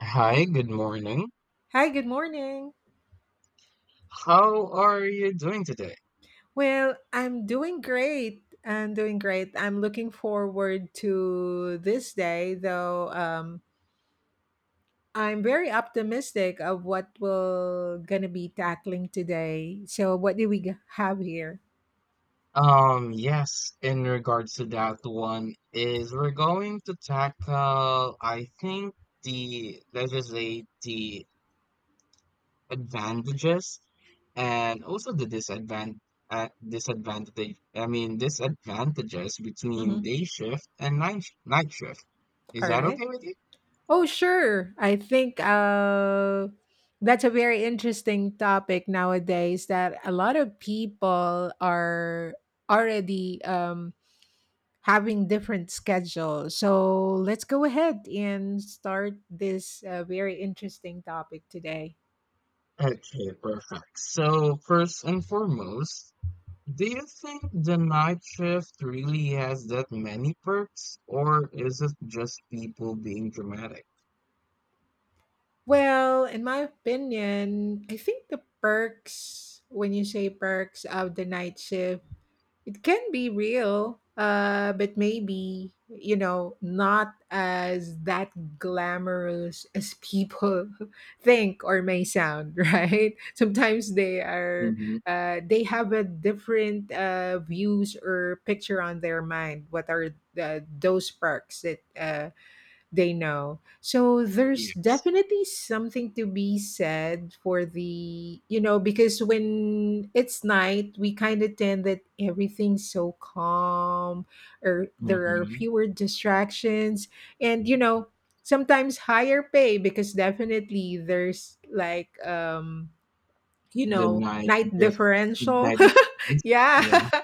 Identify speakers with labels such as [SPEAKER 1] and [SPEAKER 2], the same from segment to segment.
[SPEAKER 1] Hi, good morning.
[SPEAKER 2] Hi, good morning.
[SPEAKER 1] How are you doing today?
[SPEAKER 2] Well, I'm doing great. I'm looking forward to this day, though. I'm very optimistic of what we're gonna be tackling today. So, what do we have here?
[SPEAKER 1] Yes, in regards to that one is we're going to tackle, I think, the, let's just say, the advantages and also the disadvantages between
[SPEAKER 2] Mhm.
[SPEAKER 1] day shift and night shift. Is
[SPEAKER 2] All
[SPEAKER 1] that
[SPEAKER 2] right.
[SPEAKER 1] okay with you?
[SPEAKER 2] Oh, sure. I think that's a very interesting topic nowadays that a lot of people are already having different schedules. So let's go ahead and start this very interesting topic today.
[SPEAKER 1] Okay, perfect. So first and foremost, do you think the night shift really has that many perks, or is it just people being dramatic?
[SPEAKER 2] Well, in my opinion, I think the perks, when you say perks of the night shift, it can be real, but maybe, not as that glamorous as people think or may sound, right? Sometimes
[SPEAKER 1] Mm-hmm.
[SPEAKER 2] they have a different views or picture on their mind. What are those perks that they know. So there's
[SPEAKER 1] Yes.
[SPEAKER 2] definitely something to be said for because when it's night, we kind of tend that everything's so calm, or there are
[SPEAKER 1] Mm-hmm.
[SPEAKER 2] fewer distractions, and, sometimes higher pay, because definitely there's like,
[SPEAKER 1] The night
[SPEAKER 2] night
[SPEAKER 1] shift,
[SPEAKER 2] differential.
[SPEAKER 1] night defense.
[SPEAKER 2] Yeah.
[SPEAKER 1] Yeah.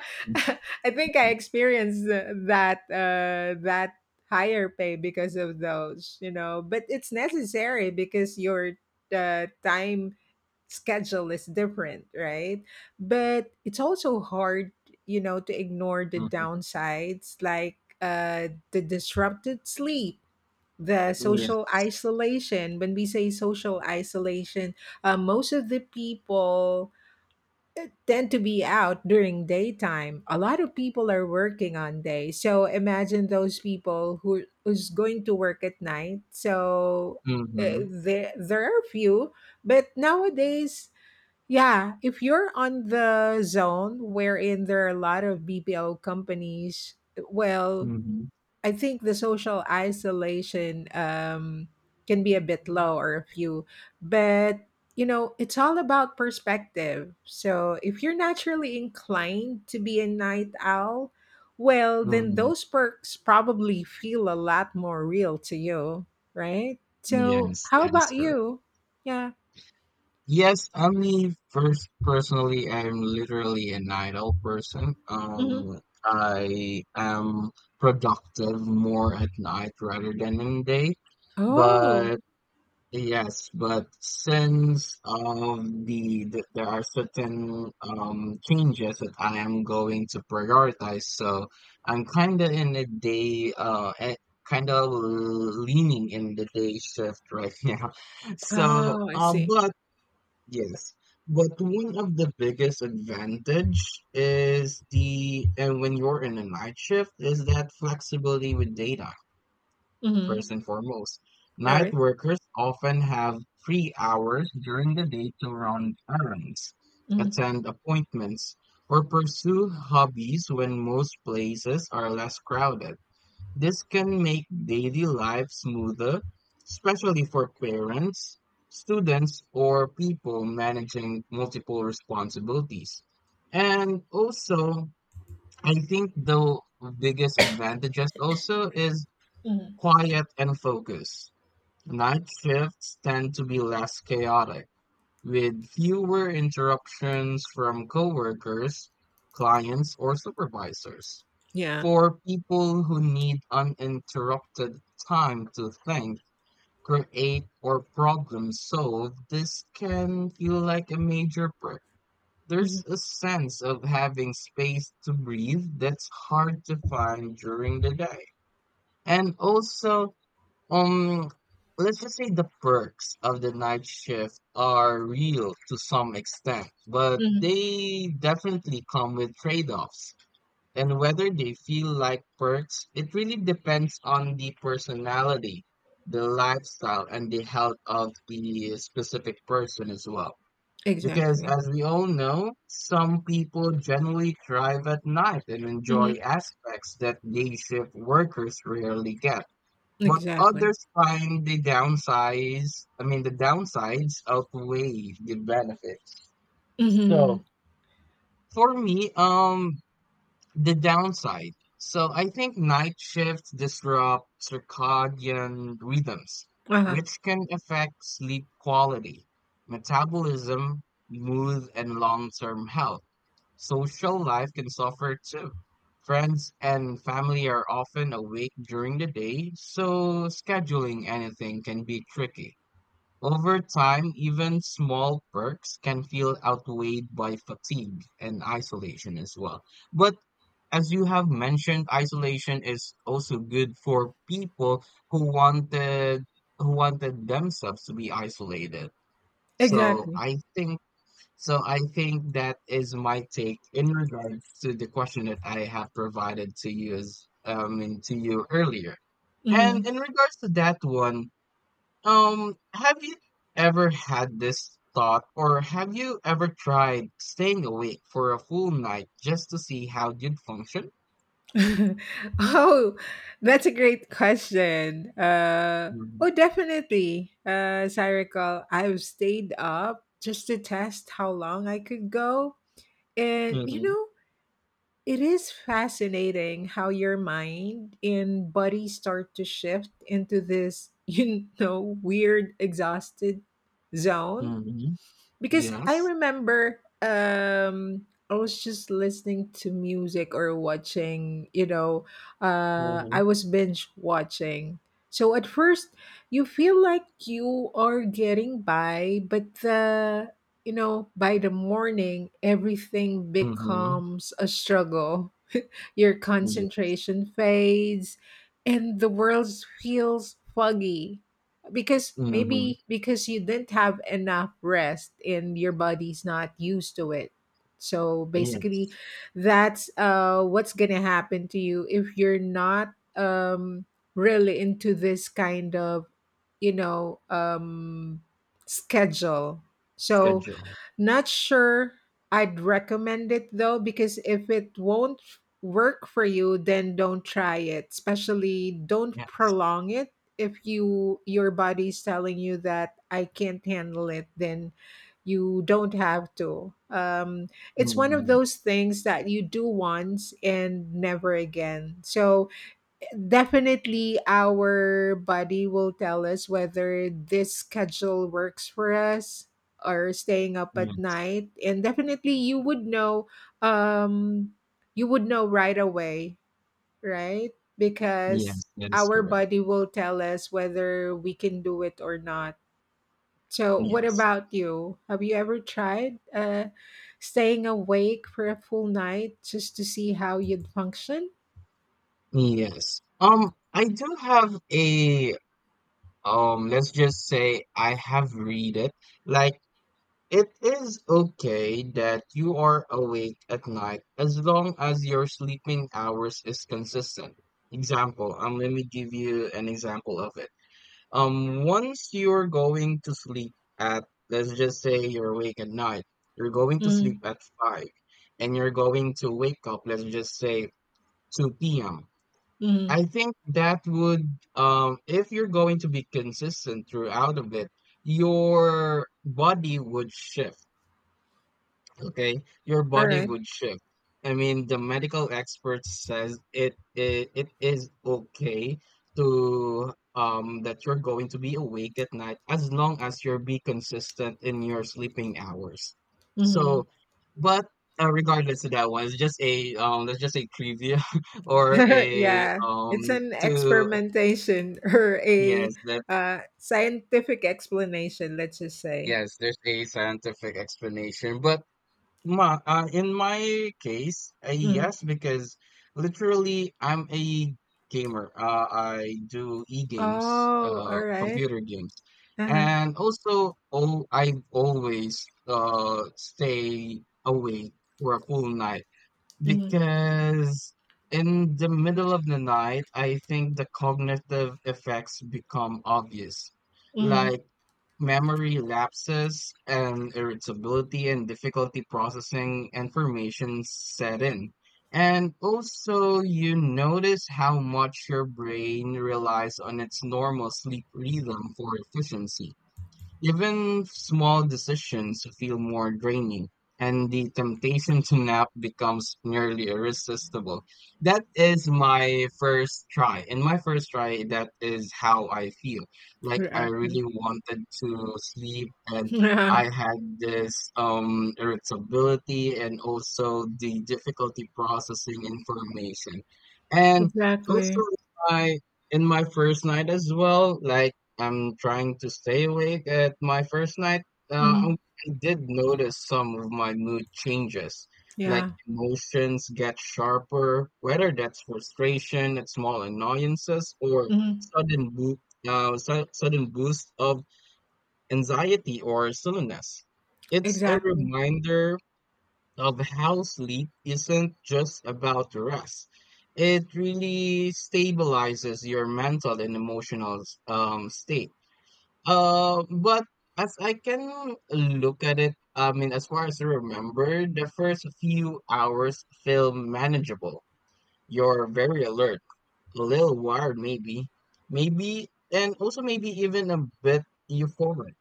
[SPEAKER 2] I think I
[SPEAKER 1] Mm-hmm.
[SPEAKER 2] experienced that higher pay because of those, but it's necessary because your time schedule is different, right? But it's also hard, to ignore the downsides, like the disrupted sleep, the social
[SPEAKER 1] Yes.
[SPEAKER 2] isolation. When we say social isolation, most of the people tend to be out during daytime. A lot of people are working on day, so imagine those people who's going to work at night. So
[SPEAKER 1] Mm-hmm.
[SPEAKER 2] there are few, but nowadays, yeah, if you're on the zone wherein there are a lot of BPO companies, well,
[SPEAKER 1] Mm-hmm.
[SPEAKER 2] I think the social isolation can be a bit low or a few, but it's all about perspective. So if you're naturally inclined to be a night owl, well, then
[SPEAKER 1] Mm-hmm.
[SPEAKER 2] those perks probably feel a lot more real to you, right? So
[SPEAKER 1] Yes,
[SPEAKER 2] how
[SPEAKER 1] that is
[SPEAKER 2] about
[SPEAKER 1] correct.
[SPEAKER 2] you? Yeah.
[SPEAKER 1] Yes, I mean, first, personally, I'm literally an idle person.
[SPEAKER 2] Hmm.
[SPEAKER 1] I am productive more at night rather than in the day.
[SPEAKER 2] Oh,
[SPEAKER 1] But Yes, but since of the there are certain changes that I am going to prioritize, so I'm kind of in the day, kind of leaning in the day shift right now. So,
[SPEAKER 2] oh, I see.
[SPEAKER 1] but Yes, but one of the biggest advantage is the and when you're in a night shift is that flexibility with data, first
[SPEAKER 2] Mm-hmm.
[SPEAKER 1] and foremost.
[SPEAKER 2] All
[SPEAKER 1] Night
[SPEAKER 2] right.
[SPEAKER 1] workers often have free hours during the day to run errands,
[SPEAKER 2] Mm-hmm.
[SPEAKER 1] attend appointments, or pursue hobbies when most places are less crowded. This can make daily life smoother, especially for parents, students, or people managing multiple responsibilities. And also, I think the biggest advantages also is
[SPEAKER 2] Mm-hmm.
[SPEAKER 1] quiet and focus. Night shifts tend to be less chaotic with fewer interruptions from coworkers, clients, or supervisors.
[SPEAKER 2] Yeah.
[SPEAKER 1] For people who need uninterrupted time to think, create, or problem solve, this can feel like a major perk. There's
[SPEAKER 2] Mm-hmm.
[SPEAKER 1] a sense of having space to breathe that's hard to find during the day. And also, um, let's just say the perks of the night shift are real to some extent, but
[SPEAKER 2] Mm-hmm.
[SPEAKER 1] they definitely come with trade-offs. And whether they feel like perks, it really depends on the personality, the lifestyle, and the health of the specific person as well. Because
[SPEAKER 2] Exactly.
[SPEAKER 1] as we all know, some people generally thrive at night and enjoy
[SPEAKER 2] Mm-hmm.
[SPEAKER 1] aspects that day shift workers rarely get, but
[SPEAKER 2] Exactly.
[SPEAKER 1] others find the downsides outweigh the benefits. So
[SPEAKER 2] Mhm.
[SPEAKER 1] for me, the downside. So I think night shifts disrupt circadian rhythms,
[SPEAKER 2] Uh-huh.
[SPEAKER 1] which can affect sleep quality, metabolism, mood, and long-term health. Social life can suffer too. Friends and family are often awake during the day, so scheduling anything can be tricky. Over time, even small perks can feel outweighed by fatigue and isolation as well. But as you have mentioned, isolation is also good for people who wanted themselves to be isolated. So
[SPEAKER 2] Exactly.
[SPEAKER 1] I think so I think that is my take in regards to the question that I have provided to you as and to you earlier. And
[SPEAKER 2] Mhm.
[SPEAKER 1] in regards to that one, have you ever had this thought or have you ever tried staying awake for a full night just to see how you'd function?
[SPEAKER 2] Oh, that's a great question.
[SPEAKER 1] Mm-hmm.
[SPEAKER 2] Oh, definitely. As I recall, I've stayed up just to test how long I could go. And,
[SPEAKER 1] Mm-hmm.
[SPEAKER 2] it is fascinating how your mind and body start to shift into this, weird, exhausted zone,
[SPEAKER 1] Mm-hmm.
[SPEAKER 2] because I
[SPEAKER 1] Yes.
[SPEAKER 2] remember I was just listening to music or watching,
[SPEAKER 1] Mm-hmm.
[SPEAKER 2] I was binge watching. So at first you feel like you are getting by, but by the morning everything
[SPEAKER 1] Mm-hmm.
[SPEAKER 2] becomes a struggle. Your
[SPEAKER 1] Yeah.
[SPEAKER 2] concentration fades, and the world feels foggy. Because
[SPEAKER 1] Mm-hmm.
[SPEAKER 2] maybe because you didn't have enough rest and your body's not used to it. So basically,
[SPEAKER 1] Yes.
[SPEAKER 2] that's what's gonna happen to you if you're not really into this kind of, you know, um, schedule. So
[SPEAKER 1] Schedule.
[SPEAKER 2] not sure I'd recommend it though, because if it won't work for you, then don't try it. Especially don't
[SPEAKER 1] Yes.
[SPEAKER 2] prolong it. If your body's telling you that I can't handle it, then you don't have to. It's one of
[SPEAKER 1] Mm-hmm.
[SPEAKER 2] those things that you do once and never again. So definitely, our body will tell us whether this schedule works for us or staying up at
[SPEAKER 1] Yes.
[SPEAKER 2] night. And definitely, you would um, know right away, right? Because
[SPEAKER 1] Yes, that is
[SPEAKER 2] our
[SPEAKER 1] correct.
[SPEAKER 2] body will tell us whether we can do it or not. So, what
[SPEAKER 1] Yes.
[SPEAKER 2] about you? Have you ever tried staying awake for a full night just to see how you'd function?
[SPEAKER 1] Yes. I do have a let's just say I have read it. Like it is okay that you are awake at night as long as your sleeping hours is consistent. Example, let me give you an example of it. Once you're going to sleep at, let's just say you're awake at night, you're going to sleep at five, and you're going to wake up, let's just say 2 p.m.
[SPEAKER 2] Mm-hmm.
[SPEAKER 1] I think that would, if you're going to be consistent throughout of it, your body would shift okay, your
[SPEAKER 2] All
[SPEAKER 1] body
[SPEAKER 2] right.
[SPEAKER 1] would shift. I mean, the medical expert says it is okay to that you're going to be awake at night as long as you're be consistent in your sleeping hours.
[SPEAKER 2] Mm-hmm.
[SPEAKER 1] So, but regardless of that one, it's just a that's just a trivia or a
[SPEAKER 2] Yeah, it's an
[SPEAKER 1] to
[SPEAKER 2] experimentation or a
[SPEAKER 1] yes that
[SPEAKER 2] scientific explanation, let's just say.
[SPEAKER 1] yes there's a scientific explanation, but in my case,
[SPEAKER 2] Mhm.
[SPEAKER 1] yes, because literally I'm a gamer. I do e-games,
[SPEAKER 2] Oh, all right.
[SPEAKER 1] computer games,
[SPEAKER 2] Uh-huh.
[SPEAKER 1] and also I always stay awake for a full night
[SPEAKER 2] Hmm.
[SPEAKER 1] because in the middle of the night, I think the cognitive effects become obvious.
[SPEAKER 2] Hmm.
[SPEAKER 1] Like memory lapses and irritability and difficulty processing information set in. And also, you notice how much your brain relies on its normal sleep rhythm for efficiency. Even small decisions feel more draining, and the temptation to nap becomes nearly irresistible. That is my first try. In my first try, that is how I feel. Like I
[SPEAKER 2] Exactly.
[SPEAKER 1] really wanted to sleep, and
[SPEAKER 2] Yeah,
[SPEAKER 1] I had this irritability and also the difficulty processing information. And also,
[SPEAKER 2] exactly.
[SPEAKER 1] in my first night as well, like I'm trying to stay awake at my first night, uh, um,
[SPEAKER 2] Hmm.
[SPEAKER 1] I did notice some of my mood changes, like
[SPEAKER 2] Yeah.
[SPEAKER 1] emotions get sharper, whether that's frustration at small annoyances or
[SPEAKER 2] Hmm.
[SPEAKER 1] sudden boo sudden boost of anxiety or silliness. It's a
[SPEAKER 2] Exactly.
[SPEAKER 1] reminder of how sleep isn't just about rest. It really stabilizes your mental and emotional state. But as I can look at it, I mean, as far as I remember, the first few hours feel manageable. You're very alert, a little wired maybe, maybe, and also maybe even a bit euphoric.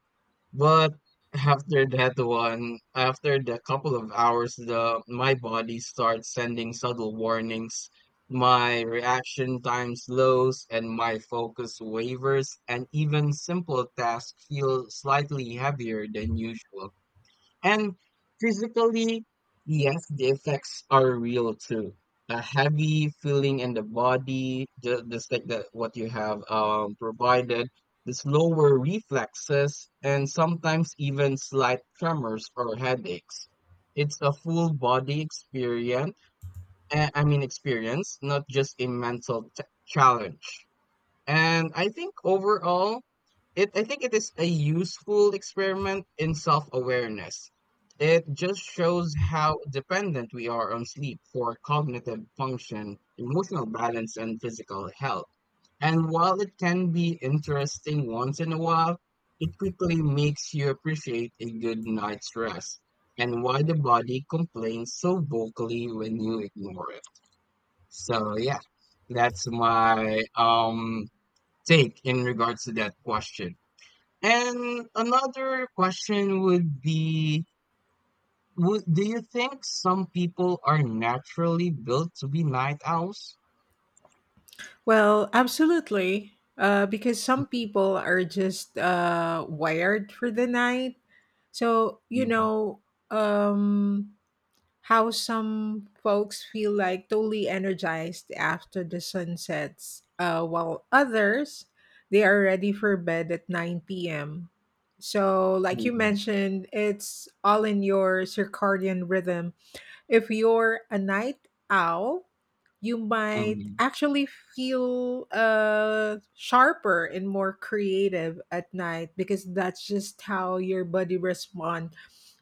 [SPEAKER 1] But after that one, after the couple of hours, the my body starts sending subtle warnings. My reaction time slows and my focus wavers, and even simple tasks feel slightly heavier than usual. And physically, yes, the effects are real too. A heavy feeling in the body, just like the, what you have provided, the slower reflexes, and sometimes even slight tremors or headaches. It's a full body experience, experience, not just a mental challenge. And I think overall, I think it is a useful experiment in self awareness. It just shows how dependent we are on sleep for cognitive function, emotional balance, and physical health. And while it can be interesting once in a while, it quickly makes you appreciate a good night's rest and why the body complains so vocally when you ignore it. So yeah, that's my take in regards to that question. And another question would be, do you think some people are naturally built to be night owls?
[SPEAKER 2] Well, absolutely. Because some people are just wired for the night. So,
[SPEAKER 1] Mhm,
[SPEAKER 2] um, how some folks feel like totally energized after the sun sets, while others, they are ready for bed at 9 p.m. So, like you
[SPEAKER 1] mhm,
[SPEAKER 2] mentioned, it's all in your circadian rhythm. If you're a night owl, you might
[SPEAKER 1] mhm,
[SPEAKER 2] actually feel sharper and more creative at night because that's just how your body responds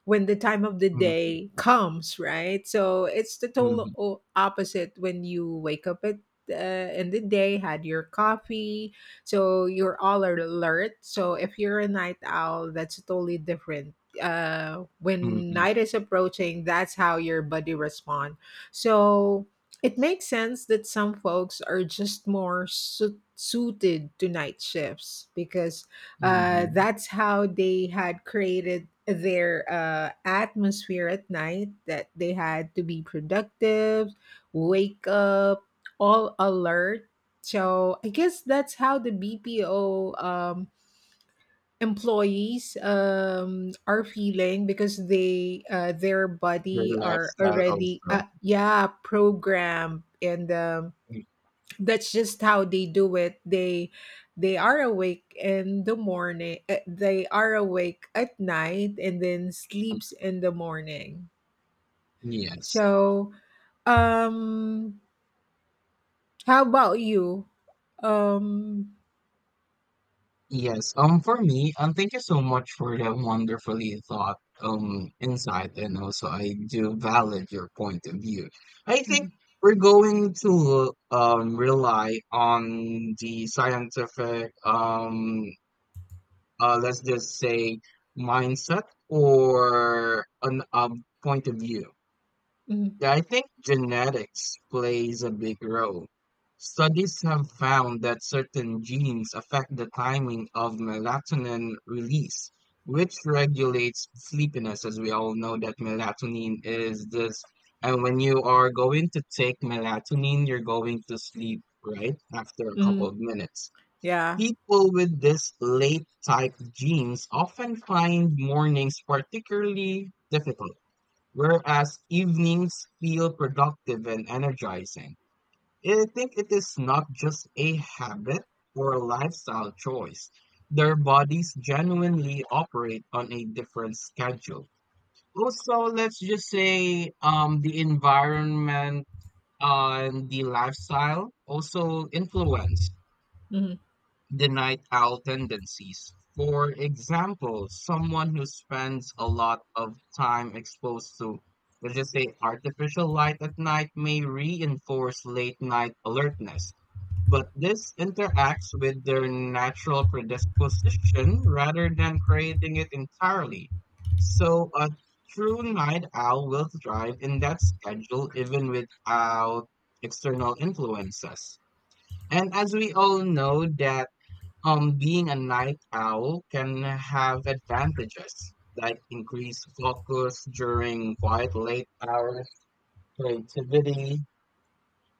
[SPEAKER 2] when the time of the
[SPEAKER 1] mhm,
[SPEAKER 2] day comes, right? So it's the total
[SPEAKER 1] mhm,
[SPEAKER 2] opposite when you wake up at in the day, had your coffee, so you're all alert. So if you're a night owl, that's totally different.
[SPEAKER 1] mhm,
[SPEAKER 2] When
[SPEAKER 1] mhm,
[SPEAKER 2] night is approaching, that's how your body responds. So it makes sense that some folks are just more suited to night shifts because
[SPEAKER 1] mhm.
[SPEAKER 2] that's how they had created their atmosphere at night that they had to be productive, wake up, all alert. So I guess that's how the BPO employees are feeling because they their
[SPEAKER 1] Your
[SPEAKER 2] body are
[SPEAKER 1] lifestyle
[SPEAKER 2] already
[SPEAKER 1] also.
[SPEAKER 2] yeah programmed and
[SPEAKER 1] Mhm,
[SPEAKER 2] that's just how they do it. They are awake in the morning, they are awake at night, and then
[SPEAKER 1] mhm.
[SPEAKER 2] sleeps in the morning.
[SPEAKER 1] Yes.
[SPEAKER 2] So um how about you um
[SPEAKER 1] Yes, for me, thank you so much for that wonderfully thought, insight, and also I do valid your point of view. I think
[SPEAKER 2] mhm,
[SPEAKER 1] we're going to rely on the scientific let's just say mindset or an point of view.
[SPEAKER 2] mhm,
[SPEAKER 1] Yeah, I think genetics plays a big role. Studies have found that certain genes affect the timing of melatonin release, which regulates sleepiness, as we all know that melatonin is this. And when you are going to take melatonin, you're going to sleep, right? After a couple of
[SPEAKER 2] mhm,
[SPEAKER 1] minutes.
[SPEAKER 2] yeah,
[SPEAKER 1] People with this late type genes often find mornings particularly difficult whereas evenings feel productive and energizing. I think it is not just a habit or a lifestyle choice. Their bodies genuinely operate on a different schedule. Also, let's just say the environment and the lifestyle also influence
[SPEAKER 2] mhm,
[SPEAKER 1] the night owl tendencies. For example, someone who spends a lot of time exposed to, let's just say, artificial light at night may reinforce late night alertness. But this interacts with their natural predisposition rather than creating it entirely. So a true night owl will thrive in that schedule even without external influences. And as we all know that being a night owl can have advantages like increased focus during quiet late hours, creativity,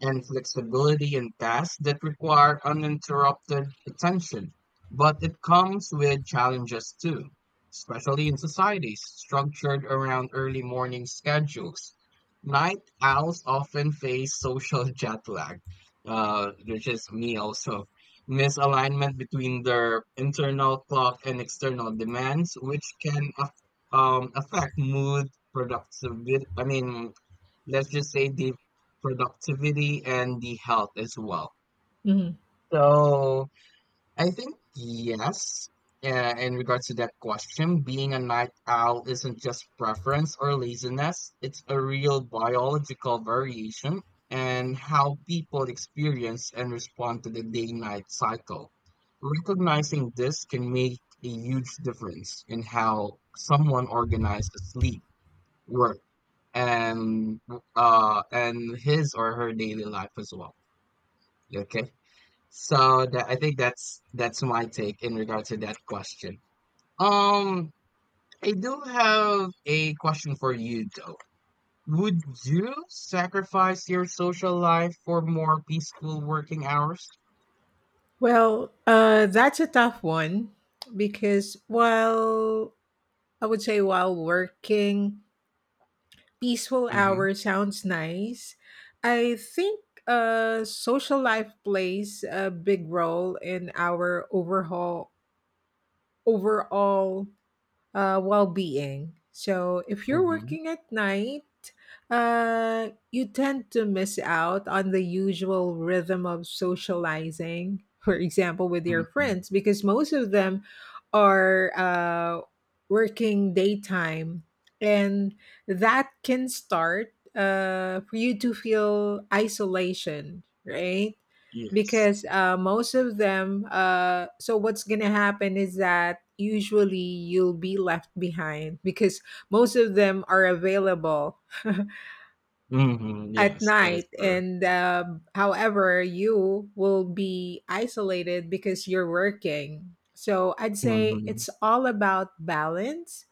[SPEAKER 1] and flexibility in tasks that require uninterrupted attention. But it comes with challenges too, especially in societies structured around early morning schedules. Night owls often face social jet lag, which is me also, misalignment between their internal clock and external demands, which can affect mood, productivity, I mean, let's just say the productivity and the health as well.
[SPEAKER 2] mhm.
[SPEAKER 1] So I think yes, in regards to that question, being a night owl isn't just preference or laziness, it's a real biological variation and how people experience and respond to the day night cycle. Recognizing this can make a huge difference in how someone organizes sleep, work, and his or her daily life as well. Okay. So that I think that's my take in regard to that question. Um I do have a question for you though. Would you sacrifice your social life for more peaceful working hours?
[SPEAKER 2] Well, that's a tough one, because while I would say while working peaceful
[SPEAKER 1] Mm-hmm.
[SPEAKER 2] hour sounds nice, I think social life plays a big role in our overhaul overall well-being. So if you're
[SPEAKER 1] Mm-hmm.
[SPEAKER 2] working at night, you tend to miss out on the usual rhythm of socializing, for example, with your
[SPEAKER 1] Mm-hmm.
[SPEAKER 2] friends, because most of them are working daytime, and that can start for you to feel isolation, right?
[SPEAKER 1] Yes.
[SPEAKER 2] Because most of them so what's gonna happen is that usually you'll be left behind, because most of them are available
[SPEAKER 1] Mm-hmm.
[SPEAKER 2] at
[SPEAKER 1] Yes, that is
[SPEAKER 2] night.
[SPEAKER 1] correct.
[SPEAKER 2] And however, you will be isolated because you're working, so I'd say
[SPEAKER 1] Mm-hmm.
[SPEAKER 2] it's all about balance.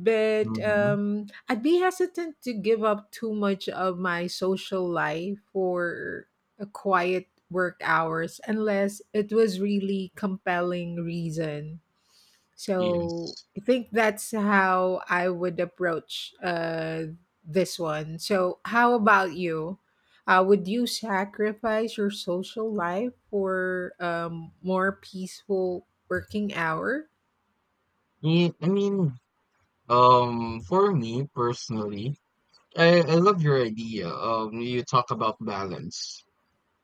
[SPEAKER 2] But
[SPEAKER 1] Mm-hmm.
[SPEAKER 2] I'd be hesitant to give up too much of my social life for a quiet work hours, unless it was really compelling reason. So
[SPEAKER 1] Yes.
[SPEAKER 2] I think that's how I would approach this one. So how about you? Would you sacrifice your social life for more peaceful working hour?
[SPEAKER 1] Yeah, I mean, for me personally, I love your idea. You talk about balance.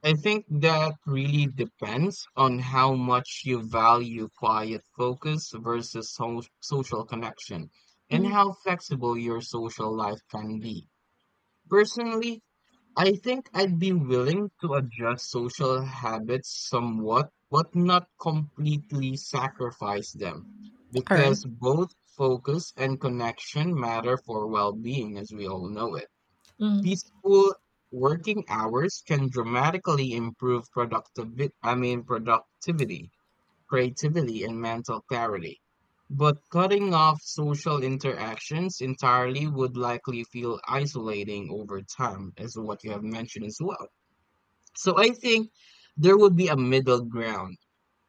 [SPEAKER 1] I think that really depends on how much you value quiet focus versus social connection and
[SPEAKER 2] Mm.
[SPEAKER 1] how flexible your social life can be. Personally, I think I'd be willing to adjust social habits somewhat, but not completely sacrifice them
[SPEAKER 2] All right.
[SPEAKER 1] because both focus and connection matter for well-being as we all know it.
[SPEAKER 2] Mm.
[SPEAKER 1] Peaceful working hours can dramatically improve productivity, productivity, creativity, and mental clarity. But cutting off social interactions entirely would likely feel isolating over time, as what you have mentioned as well. So I think there would be a middle ground,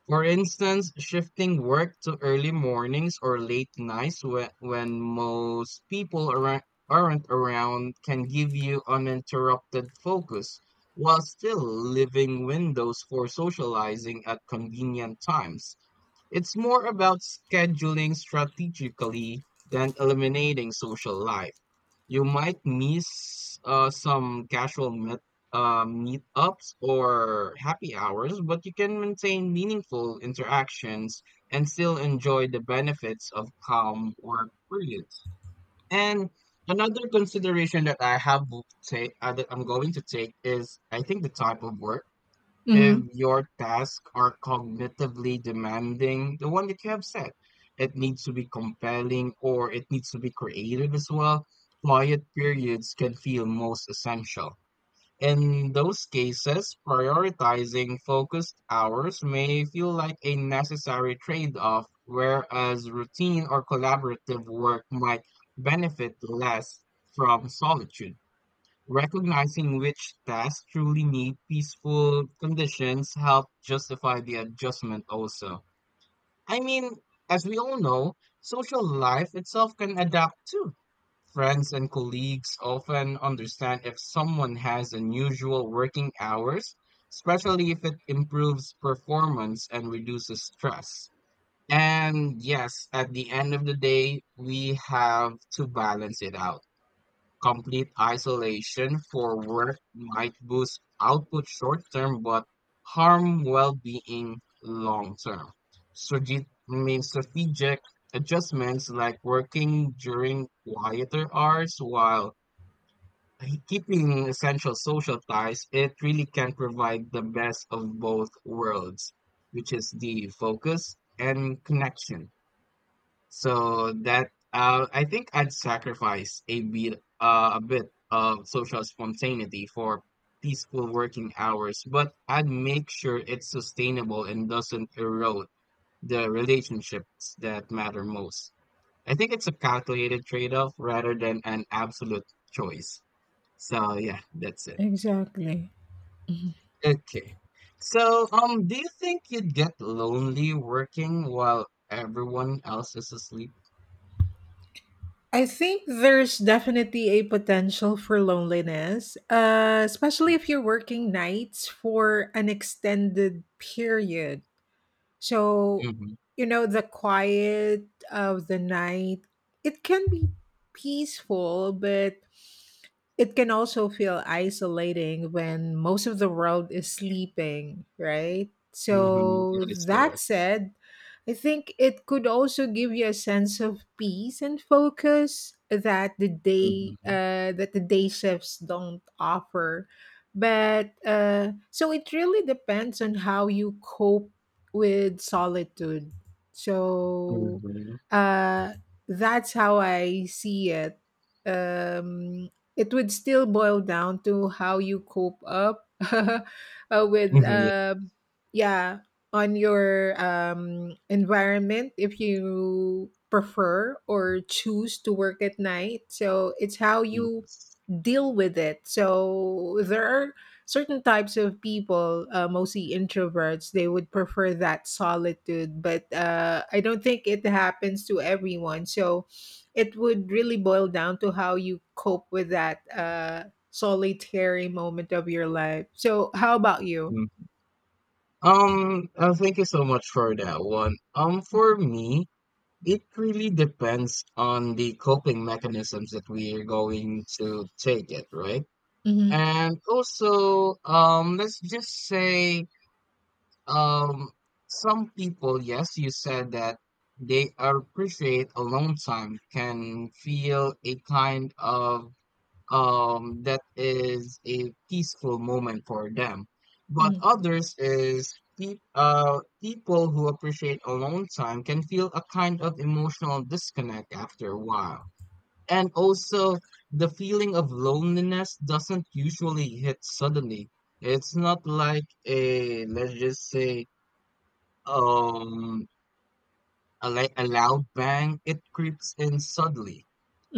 [SPEAKER 1] for instance, shifting work to early mornings or late nights when most people aren't around can give you uninterrupted focus while still leaving windows for socializing at convenient times. It's more about scheduling strategically than eliminating social life. You might miss some casual meetups or happy hours, but you can maintain meaningful interactions and still enjoy the benefits of calm work periods. And another consideration that I have say, that I'm going to take, is I think the type of work: if your tasks are cognitively demanding, the one that you have said, it needs to be compelling or it needs to be creative as well. Quiet periods can feel most essential. In those cases, prioritizing focused hours may feel like a necessary trade off, whereas routine or collaborative work might benefit less from solitude. Recognizing which tasks truly need peaceful conditions help justify the adjustment also. I mean, as we all know, social life itself can adapt too. Friends and colleagues often understand if someone has unusual working hours, especially if it improves performance and reduces stress. And yes, at the end of the day, we have to balance it out. Complete isolation for work might boost output short term but harm well being long term. Strate- means Strategic adjustments like working during quieter hours while keeping essential social ties, it really can provide the best of both worlds, which is the focus and connection. So that, I think I'd sacrifice a bit, a bit of social spontaneity for peaceful working hours, but I'd make sure it's sustainable and doesn't erode the relationships that matter most. I think it's a calculated trade-off rather than an absolute choice. So yeah, that's it.
[SPEAKER 2] Exactly. Mhm.
[SPEAKER 1] Okay. So do you think you'd get lonely working while everyone else is asleep?
[SPEAKER 2] I think there's definitely a potential for loneliness, especially if you're working nights for an extended period. So,
[SPEAKER 1] Mm-hmm.
[SPEAKER 2] the quiet of the night, it can be peaceful, but it can also feel isolating when most of the world is sleeping, right?
[SPEAKER 1] Mm-hmm.
[SPEAKER 2] So,
[SPEAKER 1] That is correct.
[SPEAKER 2] that said, I think it could also give you a sense of peace and focus that the day
[SPEAKER 1] Mhm,
[SPEAKER 2] uh, that the day shifts don't offer. But so it really depends on how you cope with solitude. So
[SPEAKER 1] mhm,
[SPEAKER 2] uh, that's how I see it. Um, it would still boil down to how you cope up with
[SPEAKER 1] mhm, yeah,
[SPEAKER 2] yeah on your environment if you prefer or choose to work at night, so it's how you
[SPEAKER 1] yes,
[SPEAKER 2] deal with it. So there are certain types of people, mostly introverts, they would prefer that solitude, but I don't think it happens to everyone. So it would really boil down to how you cope with that solitary moment of your life. So, how about you?
[SPEAKER 1] mm. Thank you so much for that one. For me, it really depends on the coping mechanisms that we are going to take it, right? And also, let's just say, um, some people, yes, you said that they appreciate alone time can feel a kind of that is a peaceful moment for them. But
[SPEAKER 2] Mm-hmm.
[SPEAKER 1] others is people who appreciate alone time can feel a kind of emotional disconnect after a while. And also, the feeling of loneliness doesn't usually hit suddenly. It's not like a, let's just say, um, a, a loud bang, it creeps in subtly.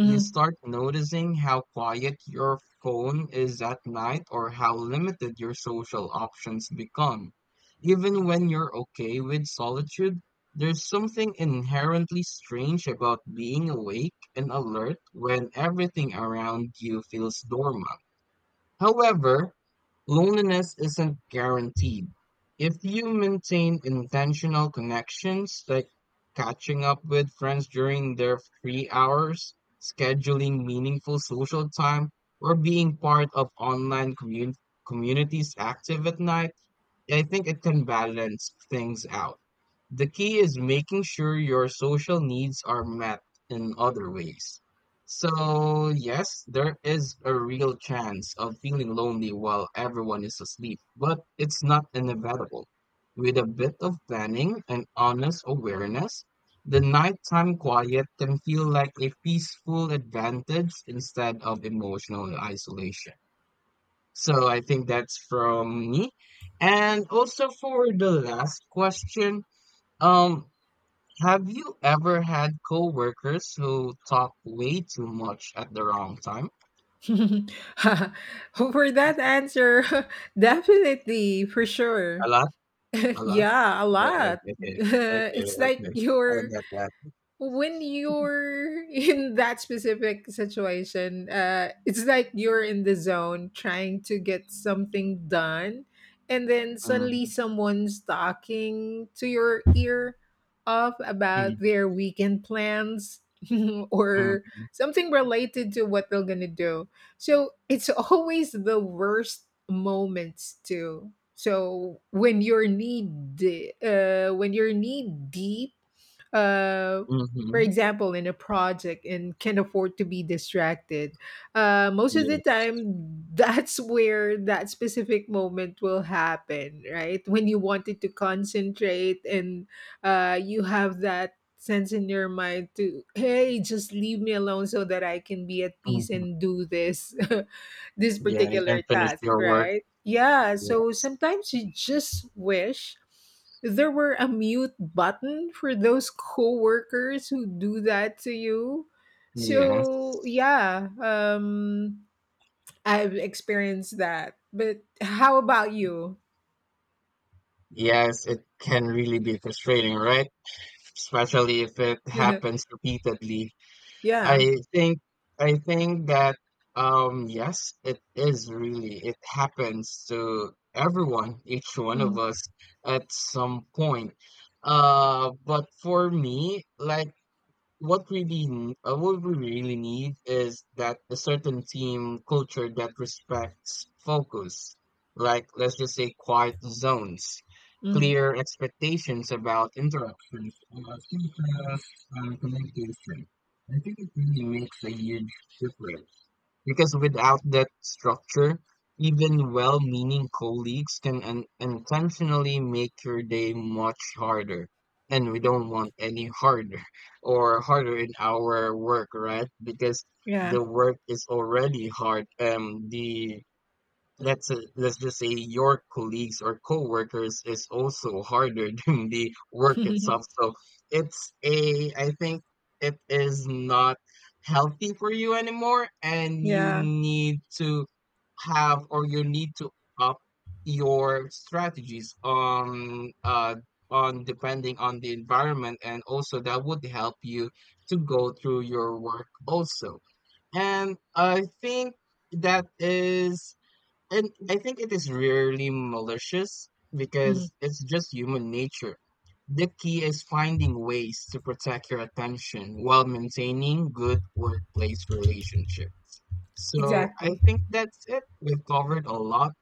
[SPEAKER 1] You start noticing how quiet your phone is at night or how limited your social options become. Even when you're okay with solitude, there's something inherently strange about being awake and alert when everything around you feels dormant. However, loneliness isn't guaranteed. If you maintain intentional connections, like catching up with friends during their free hours, scheduling meaningful social time, or being part of online communities active at night, I think it can balance things out. The key is making sure your social needs are met in other ways. So, yes, there is a real chance of feeling lonely while everyone is asleep, but it's not inevitable. With a bit of planning and honest awareness, the nighttime quiet can feel like a peaceful advantage instead of emotional isolation. So I think that's from me. And also for the last question, um, have you ever had coworkers who talk way too much at the wrong time?
[SPEAKER 2] For that answer, definitely, for
[SPEAKER 1] A
[SPEAKER 2] sure.
[SPEAKER 1] lot, a lot.
[SPEAKER 2] Yeah, a lot.
[SPEAKER 1] Okay, okay,
[SPEAKER 2] it's like
[SPEAKER 1] okay. I
[SPEAKER 2] you're
[SPEAKER 1] get that.
[SPEAKER 2] When you're in that specific situation, it's like you're in the zone trying to get something done, and then suddenly
[SPEAKER 1] Mm,
[SPEAKER 2] someone's talking to your ear off
[SPEAKER 1] mm,
[SPEAKER 2] about their weekend plans, or
[SPEAKER 1] mm,
[SPEAKER 2] something related to what they're gonna do. So it's always the worst moments too. So when you're knee deep, uh,
[SPEAKER 1] mm-hmm.
[SPEAKER 2] for example, in a project and can't afford to be distracted, most of the
[SPEAKER 1] Yes.
[SPEAKER 2] time, that's where that specific moment will happen, right? When you wanted to concentrate and you have that sense in your mind to, hey, just leave me alone so that I can be at peace
[SPEAKER 1] Mm-hmm.
[SPEAKER 2] and do this, this
[SPEAKER 1] Yeah, you can
[SPEAKER 2] particular
[SPEAKER 1] finish
[SPEAKER 2] task,
[SPEAKER 1] your work.
[SPEAKER 2] right? Yeah. So
[SPEAKER 1] Yes.
[SPEAKER 2] sometimes you just wish there were a mute button for those coworkers who do that to you. So
[SPEAKER 1] Yes.
[SPEAKER 2] yeah, I've experienced that. But how about you?
[SPEAKER 1] Yes, it can really be frustrating, right? Especially if it happens repeatedly.
[SPEAKER 2] Yeah.
[SPEAKER 1] I think I think that yes, it is really it happens to everyone, each one of
[SPEAKER 2] Mm,
[SPEAKER 1] us at some point. But for me, like what we really need is that a certain team culture that respects focus, like let's just say quiet zones,
[SPEAKER 2] mm,
[SPEAKER 1] clear expectations about interruptions, about feedback and communication. I think it really makes a huge difference because without that structure, even well meaning colleagues can intentionally make your day much harder. And we don't want any harder or harder in our work, right? Because
[SPEAKER 2] yeah.
[SPEAKER 1] the work is already hard. The let's just say your colleagues or coworkers is also harder than the work itself. So it's a, I think, it is not healthy for you anymore, and you
[SPEAKER 2] Yeah.
[SPEAKER 1] need to have, or you need to up your strategies on on, depending on the environment, and also that would help you to go through your work also. And i think that is and I think it is rarely malicious
[SPEAKER 2] Mhm.
[SPEAKER 1] because it's just human nature. The key is finding ways to protect your attention while maintaining good workplace relationships. So I
[SPEAKER 2] Exactly.
[SPEAKER 1] think that's it. We've covered a lot.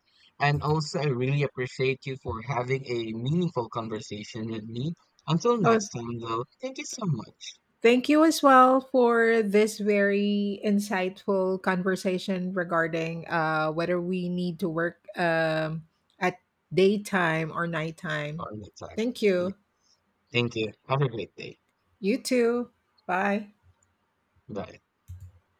[SPEAKER 1] And also, I really appreciate you for having a meaningful conversation with me. Until
[SPEAKER 2] Oh,
[SPEAKER 1] next time, though, thank you so much
[SPEAKER 2] thank you as well for this very insightful conversation regarding whether we need to work at daytime or nighttime.
[SPEAKER 1] for the time.
[SPEAKER 2] Thank you.
[SPEAKER 1] Thank you. Have a great day.
[SPEAKER 2] You too. Bye.
[SPEAKER 1] Bye.